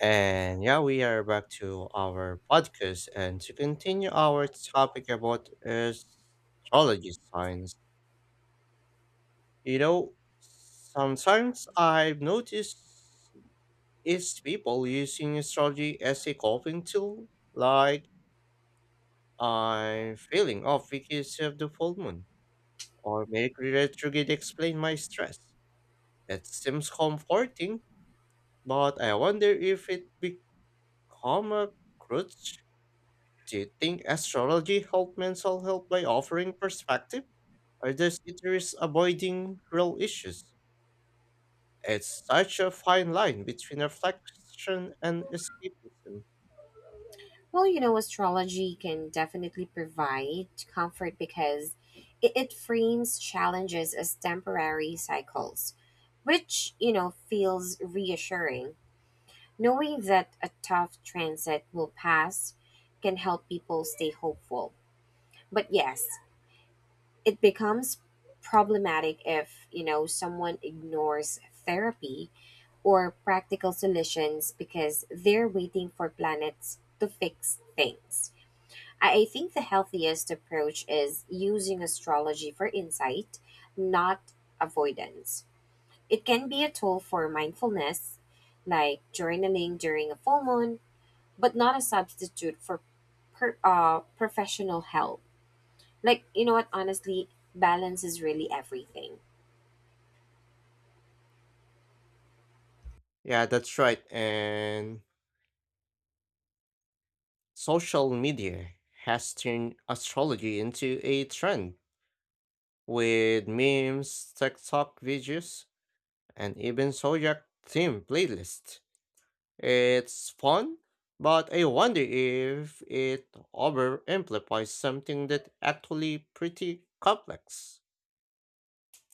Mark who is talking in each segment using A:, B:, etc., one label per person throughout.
A: And yeah, we are back to our podcast and to continue our topic about astrology signs. You know, sometimes I've noticed is people using astrology as a coping tool, like I'm feeling off because of the full moon, or Mercury retrograde explain my stress. It seems comforting, but I wonder if it become a crutch. Do you think astrology helped mental health by offering perspective? Or does it risk avoiding real issues? It's such a fine line between reflection and escapism.
B: Well, astrology can definitely provide comfort because it frames challenges as temporary cycles, which, feels reassuring. Knowing that a tough transit will pass can help people stay hopeful. But yes, it becomes problematic if, someone ignores therapy or practical solutions because they're waiting for planets to fix things. I think the healthiest approach is using astrology for insight, not avoidance. It can be a tool for mindfulness, like journaling during a full moon, but not a substitute for professional help. Like, you know what, honestly, balance is really everything.
A: Yeah, that's right. And social media has turned astrology into a trend with memes, TikTok videos, and even zodiac themed playlists. It's fun, but I wonder if it overamplifies something that actually pretty complex.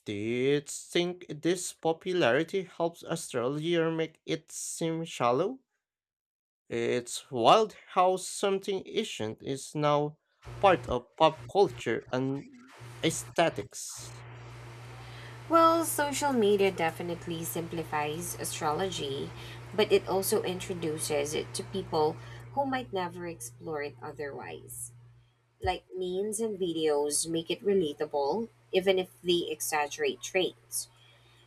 A: Do you think this popularity helps astrology or make it seem shallow? It's wild how something ancient is now part of pop culture and aesthetics.
B: Well, social media definitely simplifies astrology, but it also introduces it to people who might never explore it otherwise. Like memes and videos make it relatable, even if they exaggerate traits.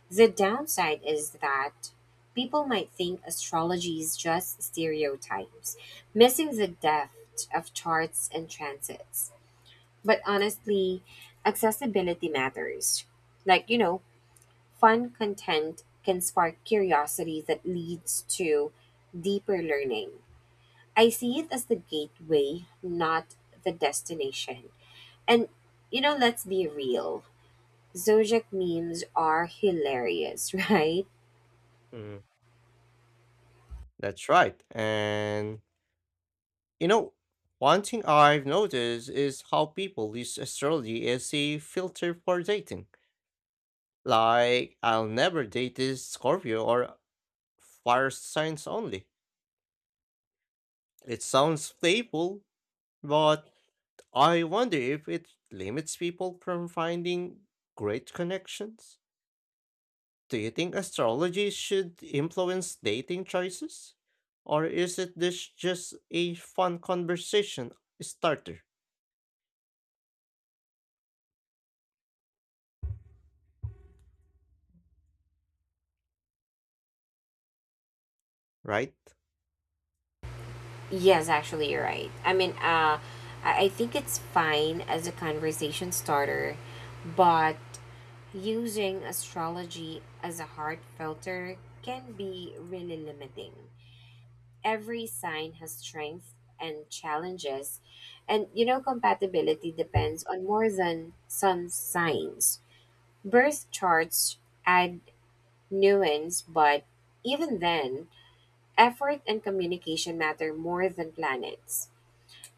B: The downside is that people might think astrology is just stereotypes, missing the depth of charts and transits. But honestly, accessibility matters. Like, fun content can spark curiosity that leads to deeper learning. I see it as the gateway, not the destination. And let's be real. Zojak memes are hilarious, right?
A: Mm, that's right. And you know, one thing I've noticed is how people use astrology as a filter for dating. Like, I'll never date this Scorpio or fire signs only. It sounds playful, but I wonder if it limits people from finding great connections. Do you think astrology should influence dating choices? Or is it this just a fun conversation starter, right?
B: Yes, actually, you're right. I mean, I think it's fine as a conversation starter, but using astrology as a hard filter can be really limiting. Every sign has strengths and challenges, and compatibility depends on more than some signs. Birth charts add nuance, but even then, effort and communication matter more than planets.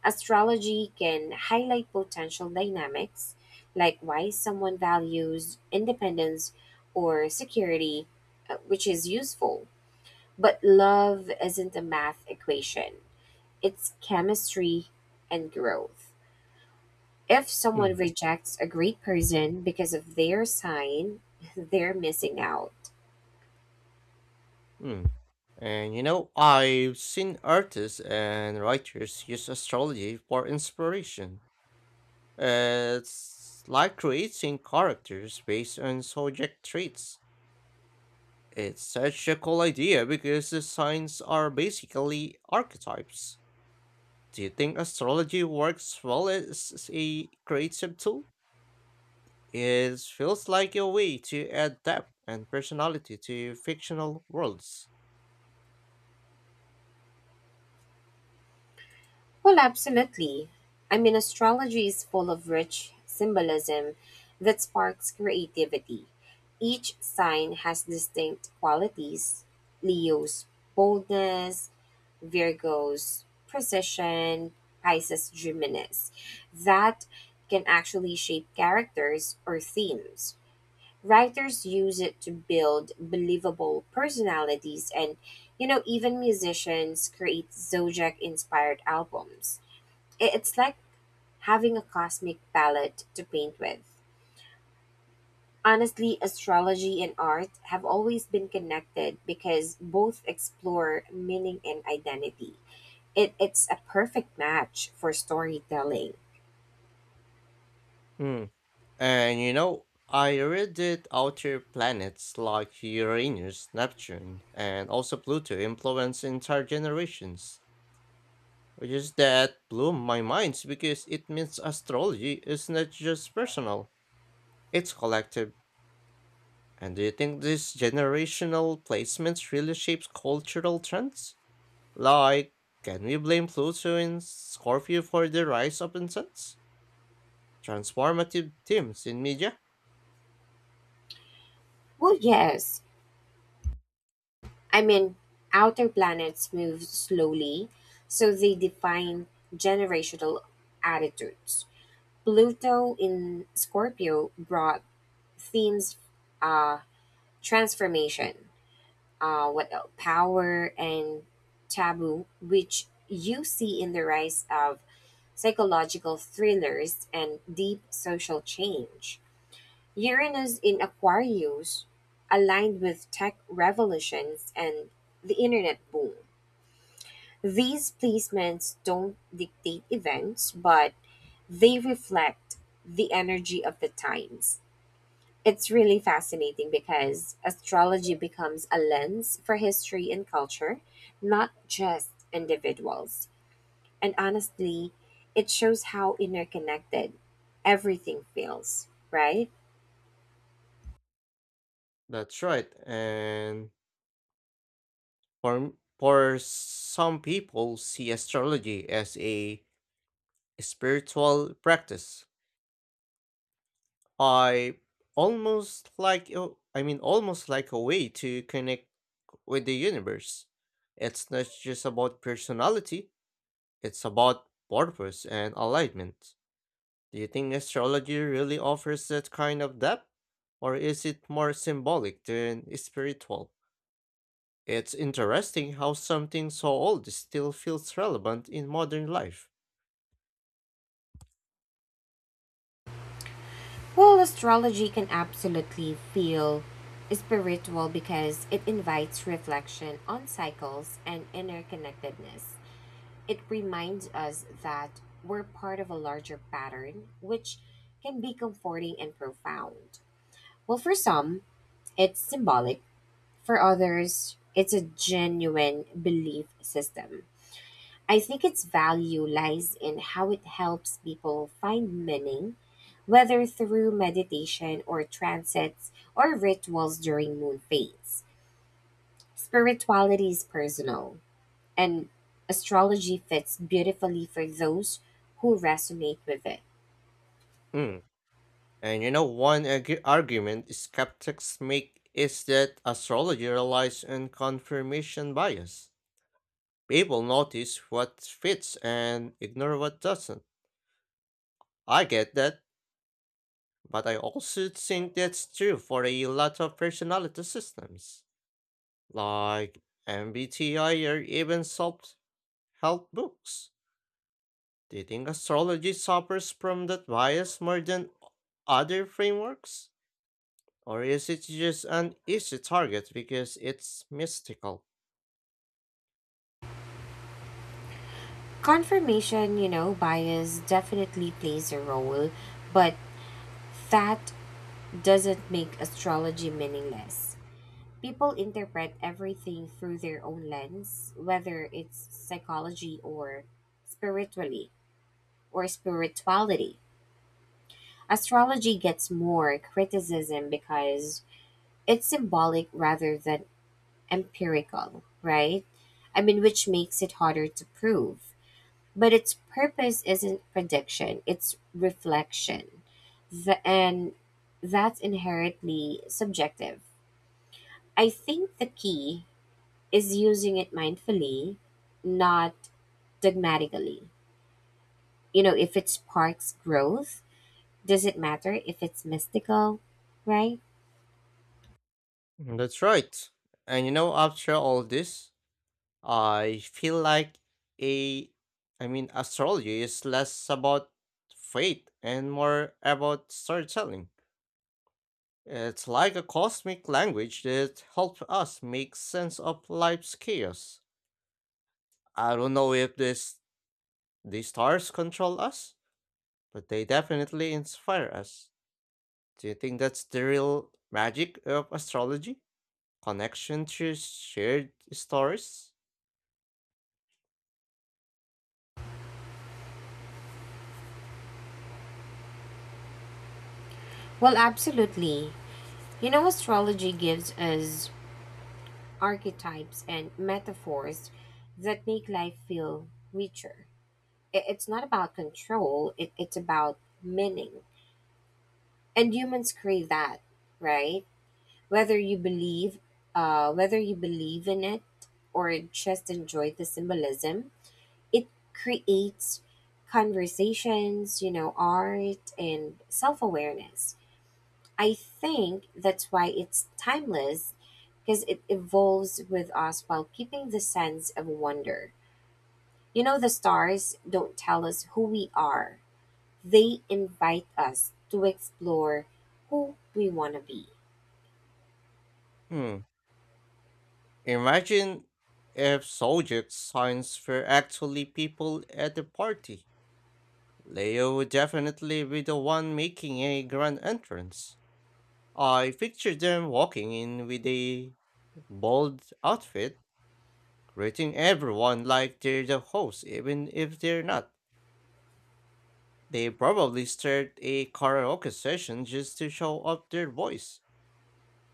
B: Astrology can highlight potential dynamics, like why someone values independence or security, which is useful. But love isn't a math equation, it's chemistry and growth. If someone rejects a great person because of their sign, they're missing out.
A: Hmm. And you know, I've seen artists and writers use astrology for inspiration. It's like creating characters based on subject traits. It's such a cool idea because the signs are basically archetypes. Do you think astrology works well as a creative tool? It feels like a way to add depth and personality to fictional worlds.
B: Well, absolutely. I mean, astrology is full of rich symbolism that sparks creativity. Each sign has distinct qualities: Leo's boldness, Virgo's precision, Pisces' dreaminess. That can actually shape characters or themes. Writers use it to build believable personalities, and even musicians create zodiac inspired albums. It's like having a cosmic palette to paint with. Honestly, astrology and art have always been connected because both explore meaning and identity. It's a perfect match for storytelling.
A: Hmm. And you know, I read that outer planets like Uranus, Neptune, and also Pluto influence entire generations, which is that blew my mind because it means astrology is not just personal, it's collective. And do you think these generational placements really shapes cultural trends? Like, can we blame Pluto in Scorpio for the rise of incense? Transformative themes in media?
B: Well, yes. I mean, outer planets move slowly, so they define generational attitudes. Pluto in Scorpio brought themes, uh transformation, what else? Power and taboo, which you see in the rise of psychological thrillers and deep social change. Uranus in Aquarius aligned with tech revolutions and the internet boom. These placements don't dictate events, but they reflect the energy of the times. It's really fascinating because astrology becomes a lens for history and culture, not just individuals. And honestly, it shows how interconnected everything feels, right?
A: That's right, and For, for some people see astrology as a spiritual practice. I almost like a way to connect with the universe. It's not just about personality, it's about purpose and alignment. Do you think astrology really offers that kind of depth? Or is it more symbolic than spiritual? It's interesting how something so old still feels relevant in modern life.
B: Well, astrology can absolutely feel spiritual because it invites reflection on cycles and interconnectedness. It reminds us that we're part of a larger pattern, which can be comforting and profound. Well, for some, it's symbolic; for others, it's a genuine belief system. I think its value lies in how it helps people find meaning, whether through meditation or transits or rituals during moon phases. Spirituality is personal, and astrology fits beautifully for those who resonate with it.
A: Mm. And you know, one argument skeptics make is that astrology relies on confirmation bias. People notice what fits and ignore what doesn't. I get that, but I also think that's true for a lot of personality systems, like MBTI or even self help books. Do you think astrology suffers from that bias more than other frameworks? Or is it just an easy target because it's mystical?
B: Confirmation, bias definitely plays a role, but that doesn't make astrology meaningless. People interpret everything through their own lens, whether it's psychology or spiritually or spirituality. Astrology gets more criticism because it's symbolic rather than empirical, right? I mean, which makes it harder to prove. But its purpose isn't prediction, it's reflection. And that's inherently subjective. I think the key is using it mindfully, not dogmatically. If it sparks growth, does it matter if it's mystical, right?
A: That's right. And you know, after all this, I feel like a, astrology is less about faith and more about storytelling. It's like a cosmic language that helps us make sense of life's chaos. I don't know if this the stars control us, but they definitely inspire us. Do you think that's the real magic of astrology? Connection through shared stories?
B: Well, absolutely. Astrology gives us archetypes and metaphors that make life feel richer. It's not about control, it's about meaning. And humans crave that, right? Whether you believe whether you believe in it or just enjoy the symbolism, it creates conversations, art and self awareness. I think that's why it's timeless because it evolves with us while keeping the sense of wonder. The stars don't tell us who we are, they invite us to explore who we want to be.
A: Hmm. Imagine if zodiac signs were actually people at the party. Leo would definitely be the one making a grand entrance. I picture them walking in with a bold outfit, greeting everyone like they're the host, even if they're not. They probably start a karaoke session just to show off their voice.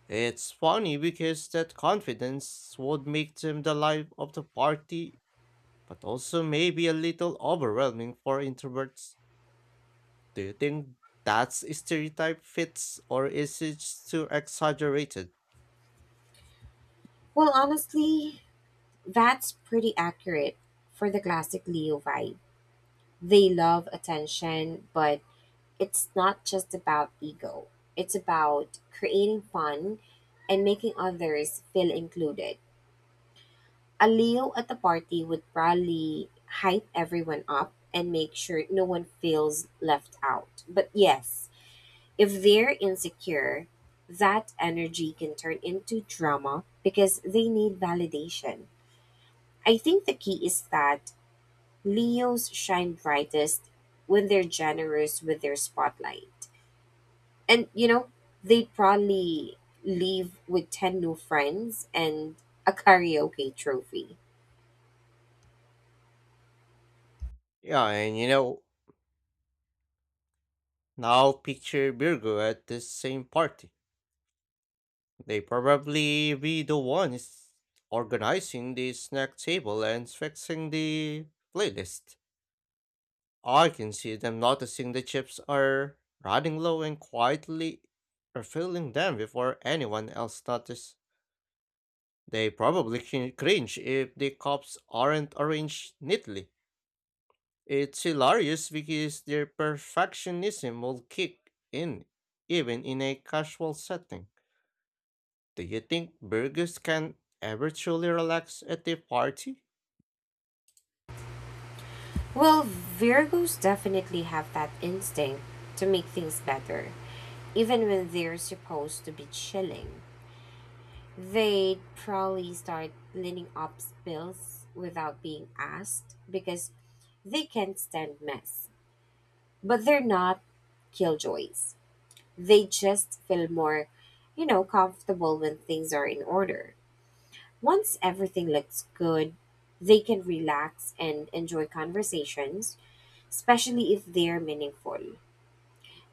A: It's funny because that confidence would make them the life of the party, but also maybe a little overwhelming for introverts. Do you think that stereotype fits or is it just too exaggerated?
B: Well, honestly, that's pretty accurate for the classic Leo vibe. They love attention, but it's not just about ego. It's about creating fun and making others feel included. A Leo at the party would probably hype everyone up and make sure no one feels left out. But yes, if they're insecure, that energy can turn into drama because they need validation. I think the key is that Leos shine brightest when they're generous with their spotlight. And they'd probably leave with 10 new friends and a karaoke trophy.
A: Yeah, and you know, now picture Virgo at this same party. They probably be the ones organizing the snack table and fixing the playlist. I can see them noticing the chips are running low and quietly refilling them before anyone else notices. They probably cringe if the cups aren't arranged neatly. It's hilarious because their perfectionism will kick in even in a casual setting. Do you think burgers can ever truly relax at a party?
B: Well, Virgos definitely have that instinct to make things better, even when they're supposed to be chilling. They'd probably start cleaning up spills without being asked because they can't stand mess, but they're not killjoys. They just feel more, comfortable when things are in order. Once everything looks good, they can relax and enjoy conversations, especially if they're meaningful.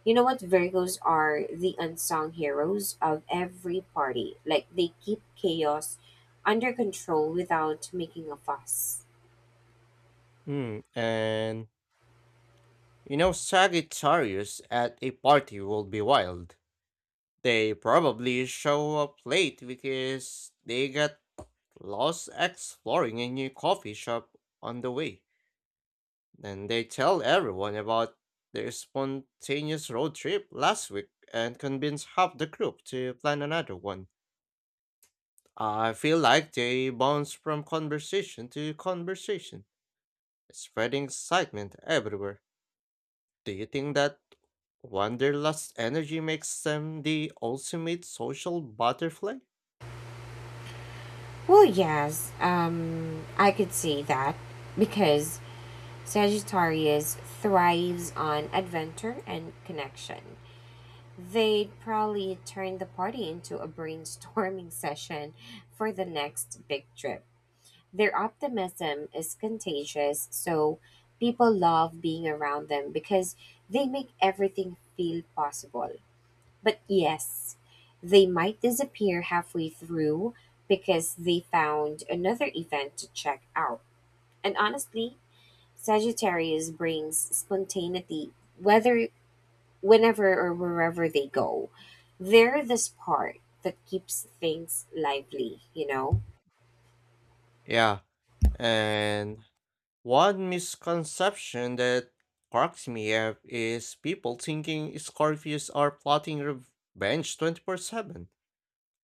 B: You know what? Virgos are the unsung heroes of every party. Like, they keep chaos under control without making a fuss.
A: Hmm, and you know, Sagittarius at a party will be wild. They probably show up late because they got lost exploring a new coffee shop on the way. And they tell everyone about their spontaneous road trip last week and convince half the group to plan another one. I feel like they bounce from conversation to conversation spreading excitement everywhere. Do you think that wanderlust energy makes them the ultimate social butterfly?
B: Well, yes, I could see that because Sagittarius thrives on adventure and connection. They'd probably turn the party into a brainstorming session for the next big trip. Their optimism is contagious, so people love being around them because they make everything feel possible. But yes, they might disappear halfway through because they found another event to check out. And honestly, Sagittarius brings spontaneity whether whenever or wherever they go. They're the spark that keeps things lively, you know?
A: Yeah, and one misconception that cracks me up is people thinking Scorpios are plotting revenge 24/7.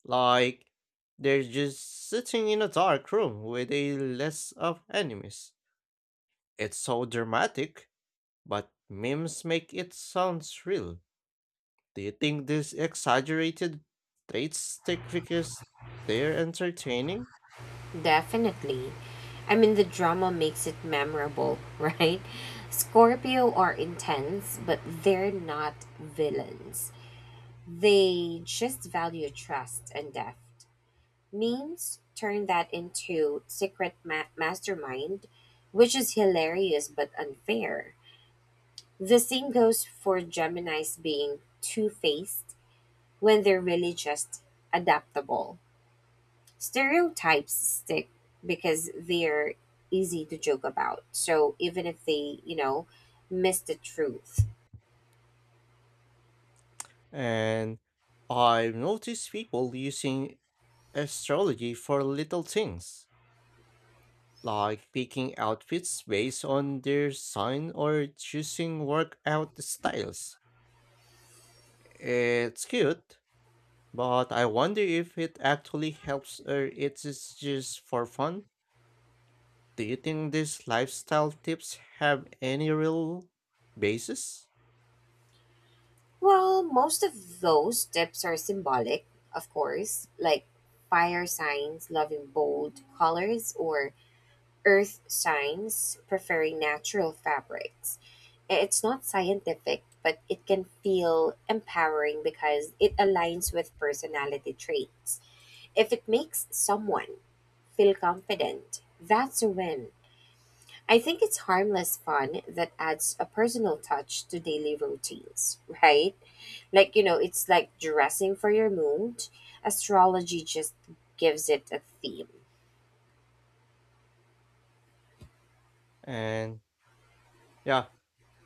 A: Like, they're just sitting in a dark room with a list of enemies. It's so dramatic, but memes make it sound real. Do you think these exaggerated traits stick because they're entertaining?
B: Definitely. I mean, the drama makes it memorable, right? Scorpio are intense, but they're not villains. They just value trust and depth. Memes turn that into secret mastermind, which is hilarious but unfair. The same goes for Geminis being two faced when they're really just adaptable. Stereotypes stick because they're easy to joke about. So even if they, miss the truth.
A: And I've noticed people using astrology for little things, like picking outfits based on their sign or choosing workout styles. It's cute, but I wonder if it actually helps or it is just for fun. Do you think these lifestyle tips have any real basis?
B: Well, most of those tips are symbolic, of course, like fire signs loving bold colors or earth signs preferring natural fabrics. It's not scientific, but it can feel empowering because it aligns with personality traits. If it makes someone feel confident, that's a win. I think it's harmless fun that adds a personal touch to daily routines, right? Like, it's like dressing for your mood. Astrology just gives it a theme.
A: And yeah,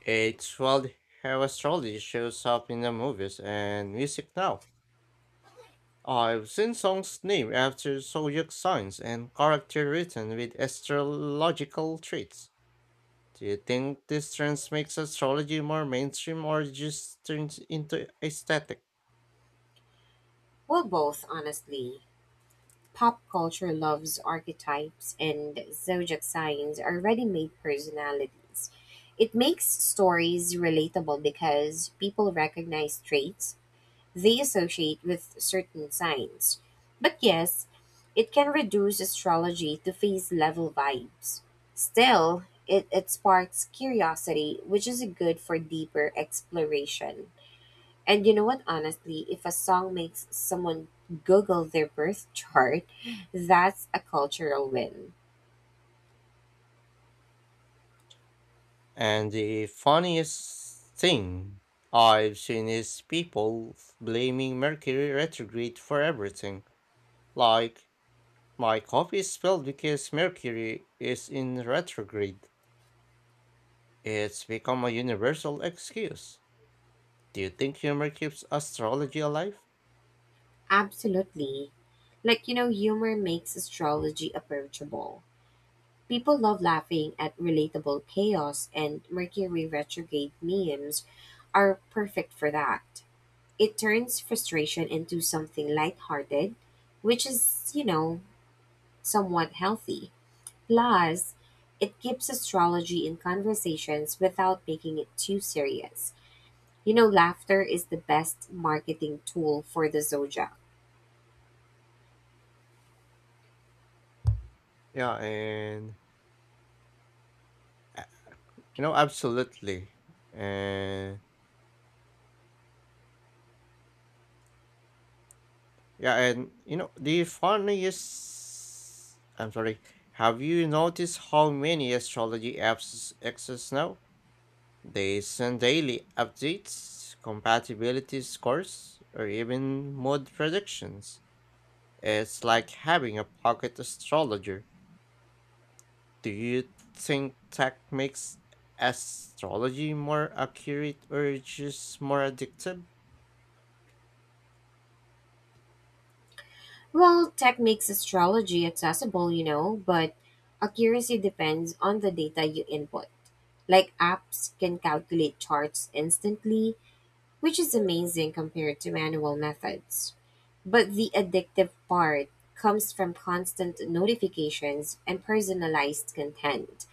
A: it's well, Heraclides shows up in the movies and music now. I've seen songs named after zodiac signs and character written with astrological traits. Do you think this trend makes astrology more mainstream or just turns into aesthetic?
B: Well, both, honestly. Pop culture loves archetypes, and zodiac signs are ready made personalities. It makes stories relatable because people recognize traits they associate with certain signs. But yes, it can reduce astrology to phase level vibes. Still, it sparks curiosity, which is good for deeper exploration. And you know what, honestly, if a song makes someone Google their birth chart, that's a cultural win.
A: And the funniest thing I've seen is people blaming Mercury retrograde for everything. Like, my coffee is spilled because Mercury is in retrograde. It's become a universal excuse. Do you think humor keeps astrology alive?
B: Absolutely. Like, humor makes astrology approachable. People love laughing at relatable chaos, and Mercury retrograde memes are perfect for that. It turns frustration into something lighthearted, which is, somewhat healthy. Plus, it keeps astrology in conversations without making it too serious. Laughter is the best marketing tool for the zodiac.
A: Yeah, and uh, you know, absolutely. And yeah, and you know, the funniest. I'm sorry. Have you noticed how many astrology apps exist now? They send daily updates, compatibility scores, or even mood predictions. It's like having a pocket astrologer. Do you think tech makes astrology more accurate or just more addictive?
B: Well, tech makes astrology accessible, but accuracy depends on the data you input. Like apps can calculate charts instantly, which is amazing compared to manual methods. But the addictive part comes from constant notifications and personalized content.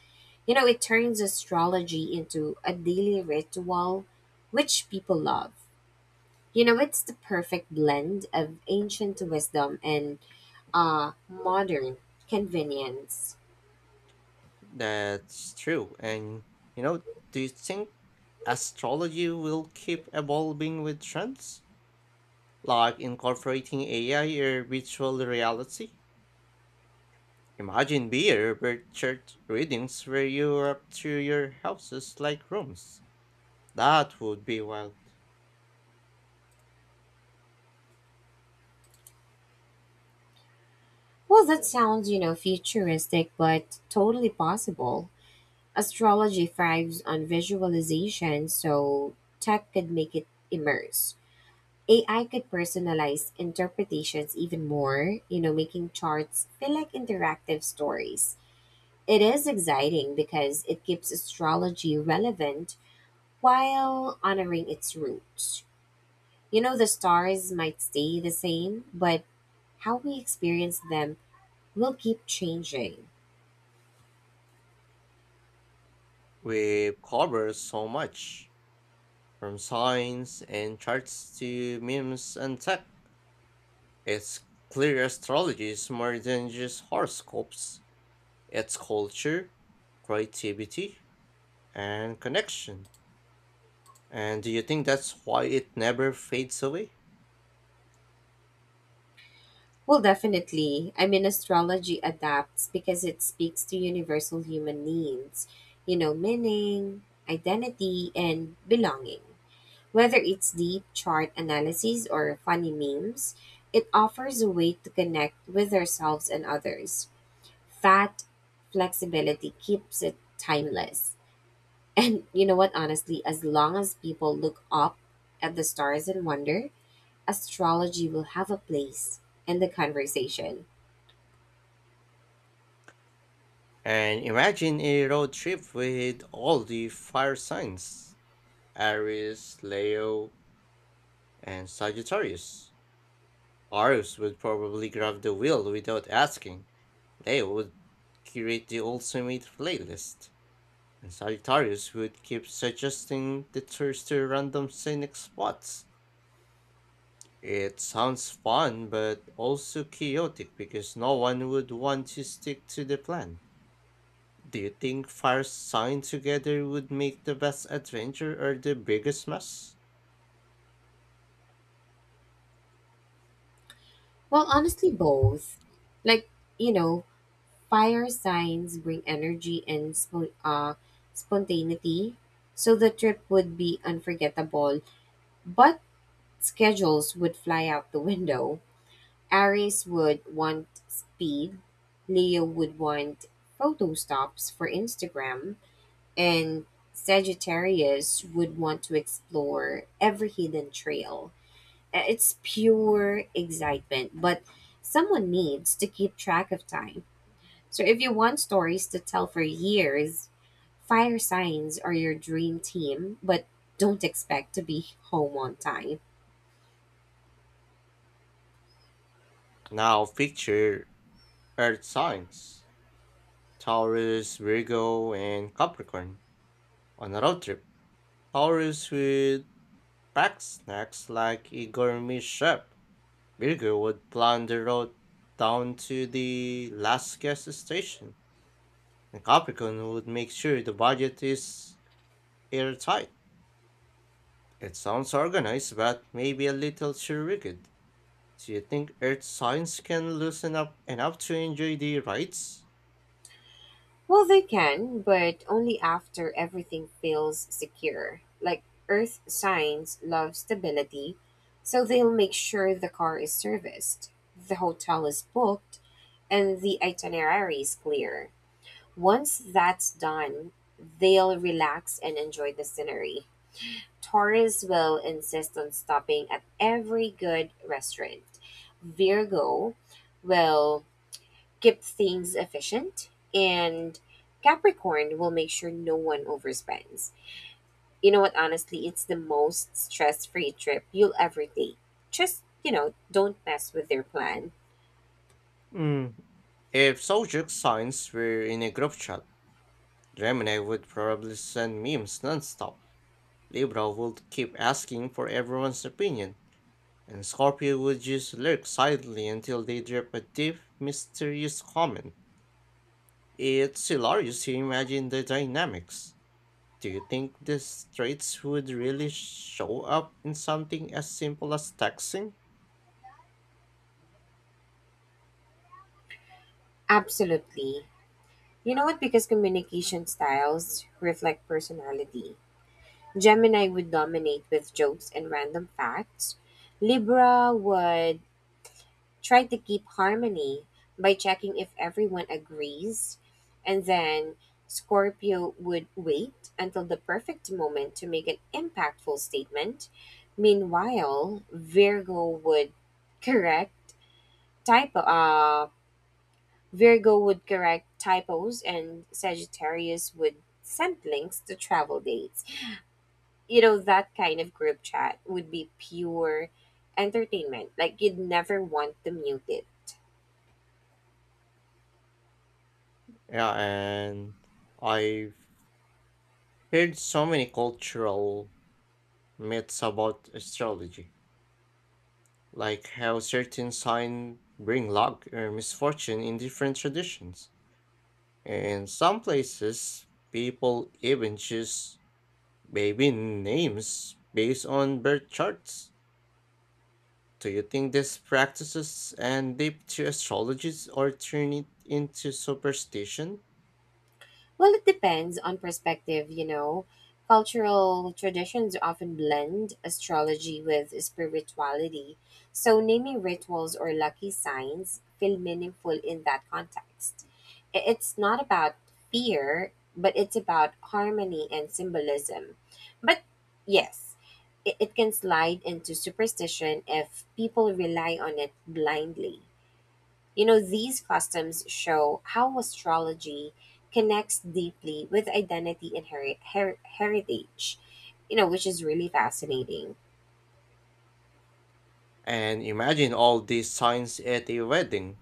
B: It turns astrology into a daily ritual, which people love. It's the perfect blend of ancient wisdom and modern convenience.
A: That's true. And you know, do you think astrology will keep evolving with trends? Like incorporating AI or virtual reality? Imagine beer birth chart readings where you up to your houses like rooms. That would be wild.
B: Well, that sounds, futuristic, but totally possible. Astrology thrives on visualization, so tech could make it immerse. AI could personalize interpretations even more, making charts feel like interactive stories. It is exciting because it keeps astrology relevant while honoring its roots. The stars might stay the same, but how we experience them will keep changing.
A: We've covered so much, from signs and charts to memes and tech. It's clear astrology is more than just horoscopes, it's culture, creativity, and connection. And do you think that's why it never fades away?
B: Well, definitely. I mean, astrology adapts because it speaks to universal human needs, meaning, identity, and belonging. Whether it's deep chart analyses or funny memes, it offers a way to connect with ourselves and others. That flexibility keeps it timeless. And you know what, honestly, as long as people look up at the stars in wonder, astrology will have a place in the conversation.
A: And imagine a road trip with all the fire signs Aries, Leo, and Sagittarius. Arius would probably grab the wheel without asking. Leo would curate the ultimate playlist, and Sagittarius would keep suggesting detours to random scenic spots. It sounds fun, but also chaotic because no one would want to stick to the plan. Do you think fire sign together would make the best adventure or the biggest mess?
B: Well, honestly, both. Like, you know, fire signs bring energy and spontaneity, so the trip would be unforgettable, but schedules would fly out the window. Aries would want speed, Leo would want photo stops for Instagram, and Sagittarius would want to explore every hidden trail. It's pure excitement, but someone needs to keep track of time. So if you want stories to tell for years, fire signs are your dream team, but don't expect to be home on time.
A: Now picture earth signs Taurus, Virgo, and Capricorn. On a road trip, tourists would pack snacks like a gourmet chef. Virgo would plan the road down to the last gas station, and Capricorn would make sure the budget is airtight. It sounds organized, but maybe a little too rigid. Do you think Earth signs can loosen up enough to enjoy the rides?
B: Well, they can, but only after everything feels secure. Like, Earth signs love stability, so they'll make sure the car is serviced, the hotel is booked, and the itinerary is clear. Once that's done, they'll relax and enjoy the scenery. Taurus will insist on stopping at every good restaurant. Virgo will keep things efficient, and Capricorn will make sure no one overspends. You know what, honestly, it's the most stress-free trip you'll ever take. Just, don't mess with their plan.
A: Hmm. If Zodiac signs were in a group chat, Gemini would probably send memes nonstop. Libra would keep asking for everyone's opinion, and Scorpio would just lurk silently until they drop a deep, mysterious comment. It's hilarious to imagine the dynamics. Do you think these traits would really show up in something as simple as texting?
B: Absolutely. You know what, because communication styles reflect personality. Gemini would dominate with jokes and random facts. Libra would try to keep harmony by checking if everyone agrees, and then Scorpio would wait until the perfect moment to make an impactful statement. Meanwhile, correct typo uh Virgo would correct typos, and Sagittarius would send links to travel dates. That kind of group chat would be pure entertainment. Like, you'd never want to mute it.
A: Yeah, and I've heard so many cultural myths about astrology, like how certain signs bring luck or misfortune in different traditions. In some places, people even choose baby names based on birth charts. Do you think these practices end deep to astrologies or turn it into superstition?
B: Well, it depends on perspective, Cultural traditions often blend astrology with spirituality, so naming rituals or lucky signs feel meaningful in that context. It's not about fear, but it's about harmony and symbolism. But yes, it can slide into superstition if people rely on it blindly. These customs show how astrology connects deeply with identity and heritage, which is really fascinating.
A: And imagine all these signs at a wedding.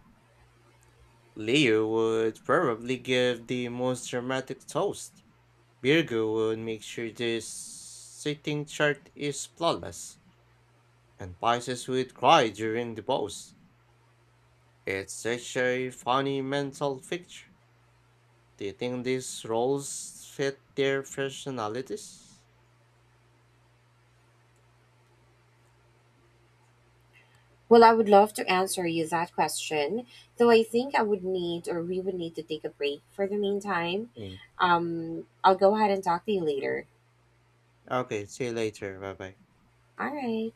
A: Leo would probably give the most dramatic toast. Virgo would make sure the sitting chart is flawless. And Pisces would cry during the pose. It's such a funny mental picture. Do you think these roles fit their personalities?
B: Well, I would love to answer you that question, though I think I would need, or we would need, to take a break for the meantime.
A: Mm.
B: I'll go ahead and talk to you later.
A: Okay, see you later. Bye bye.
B: All right.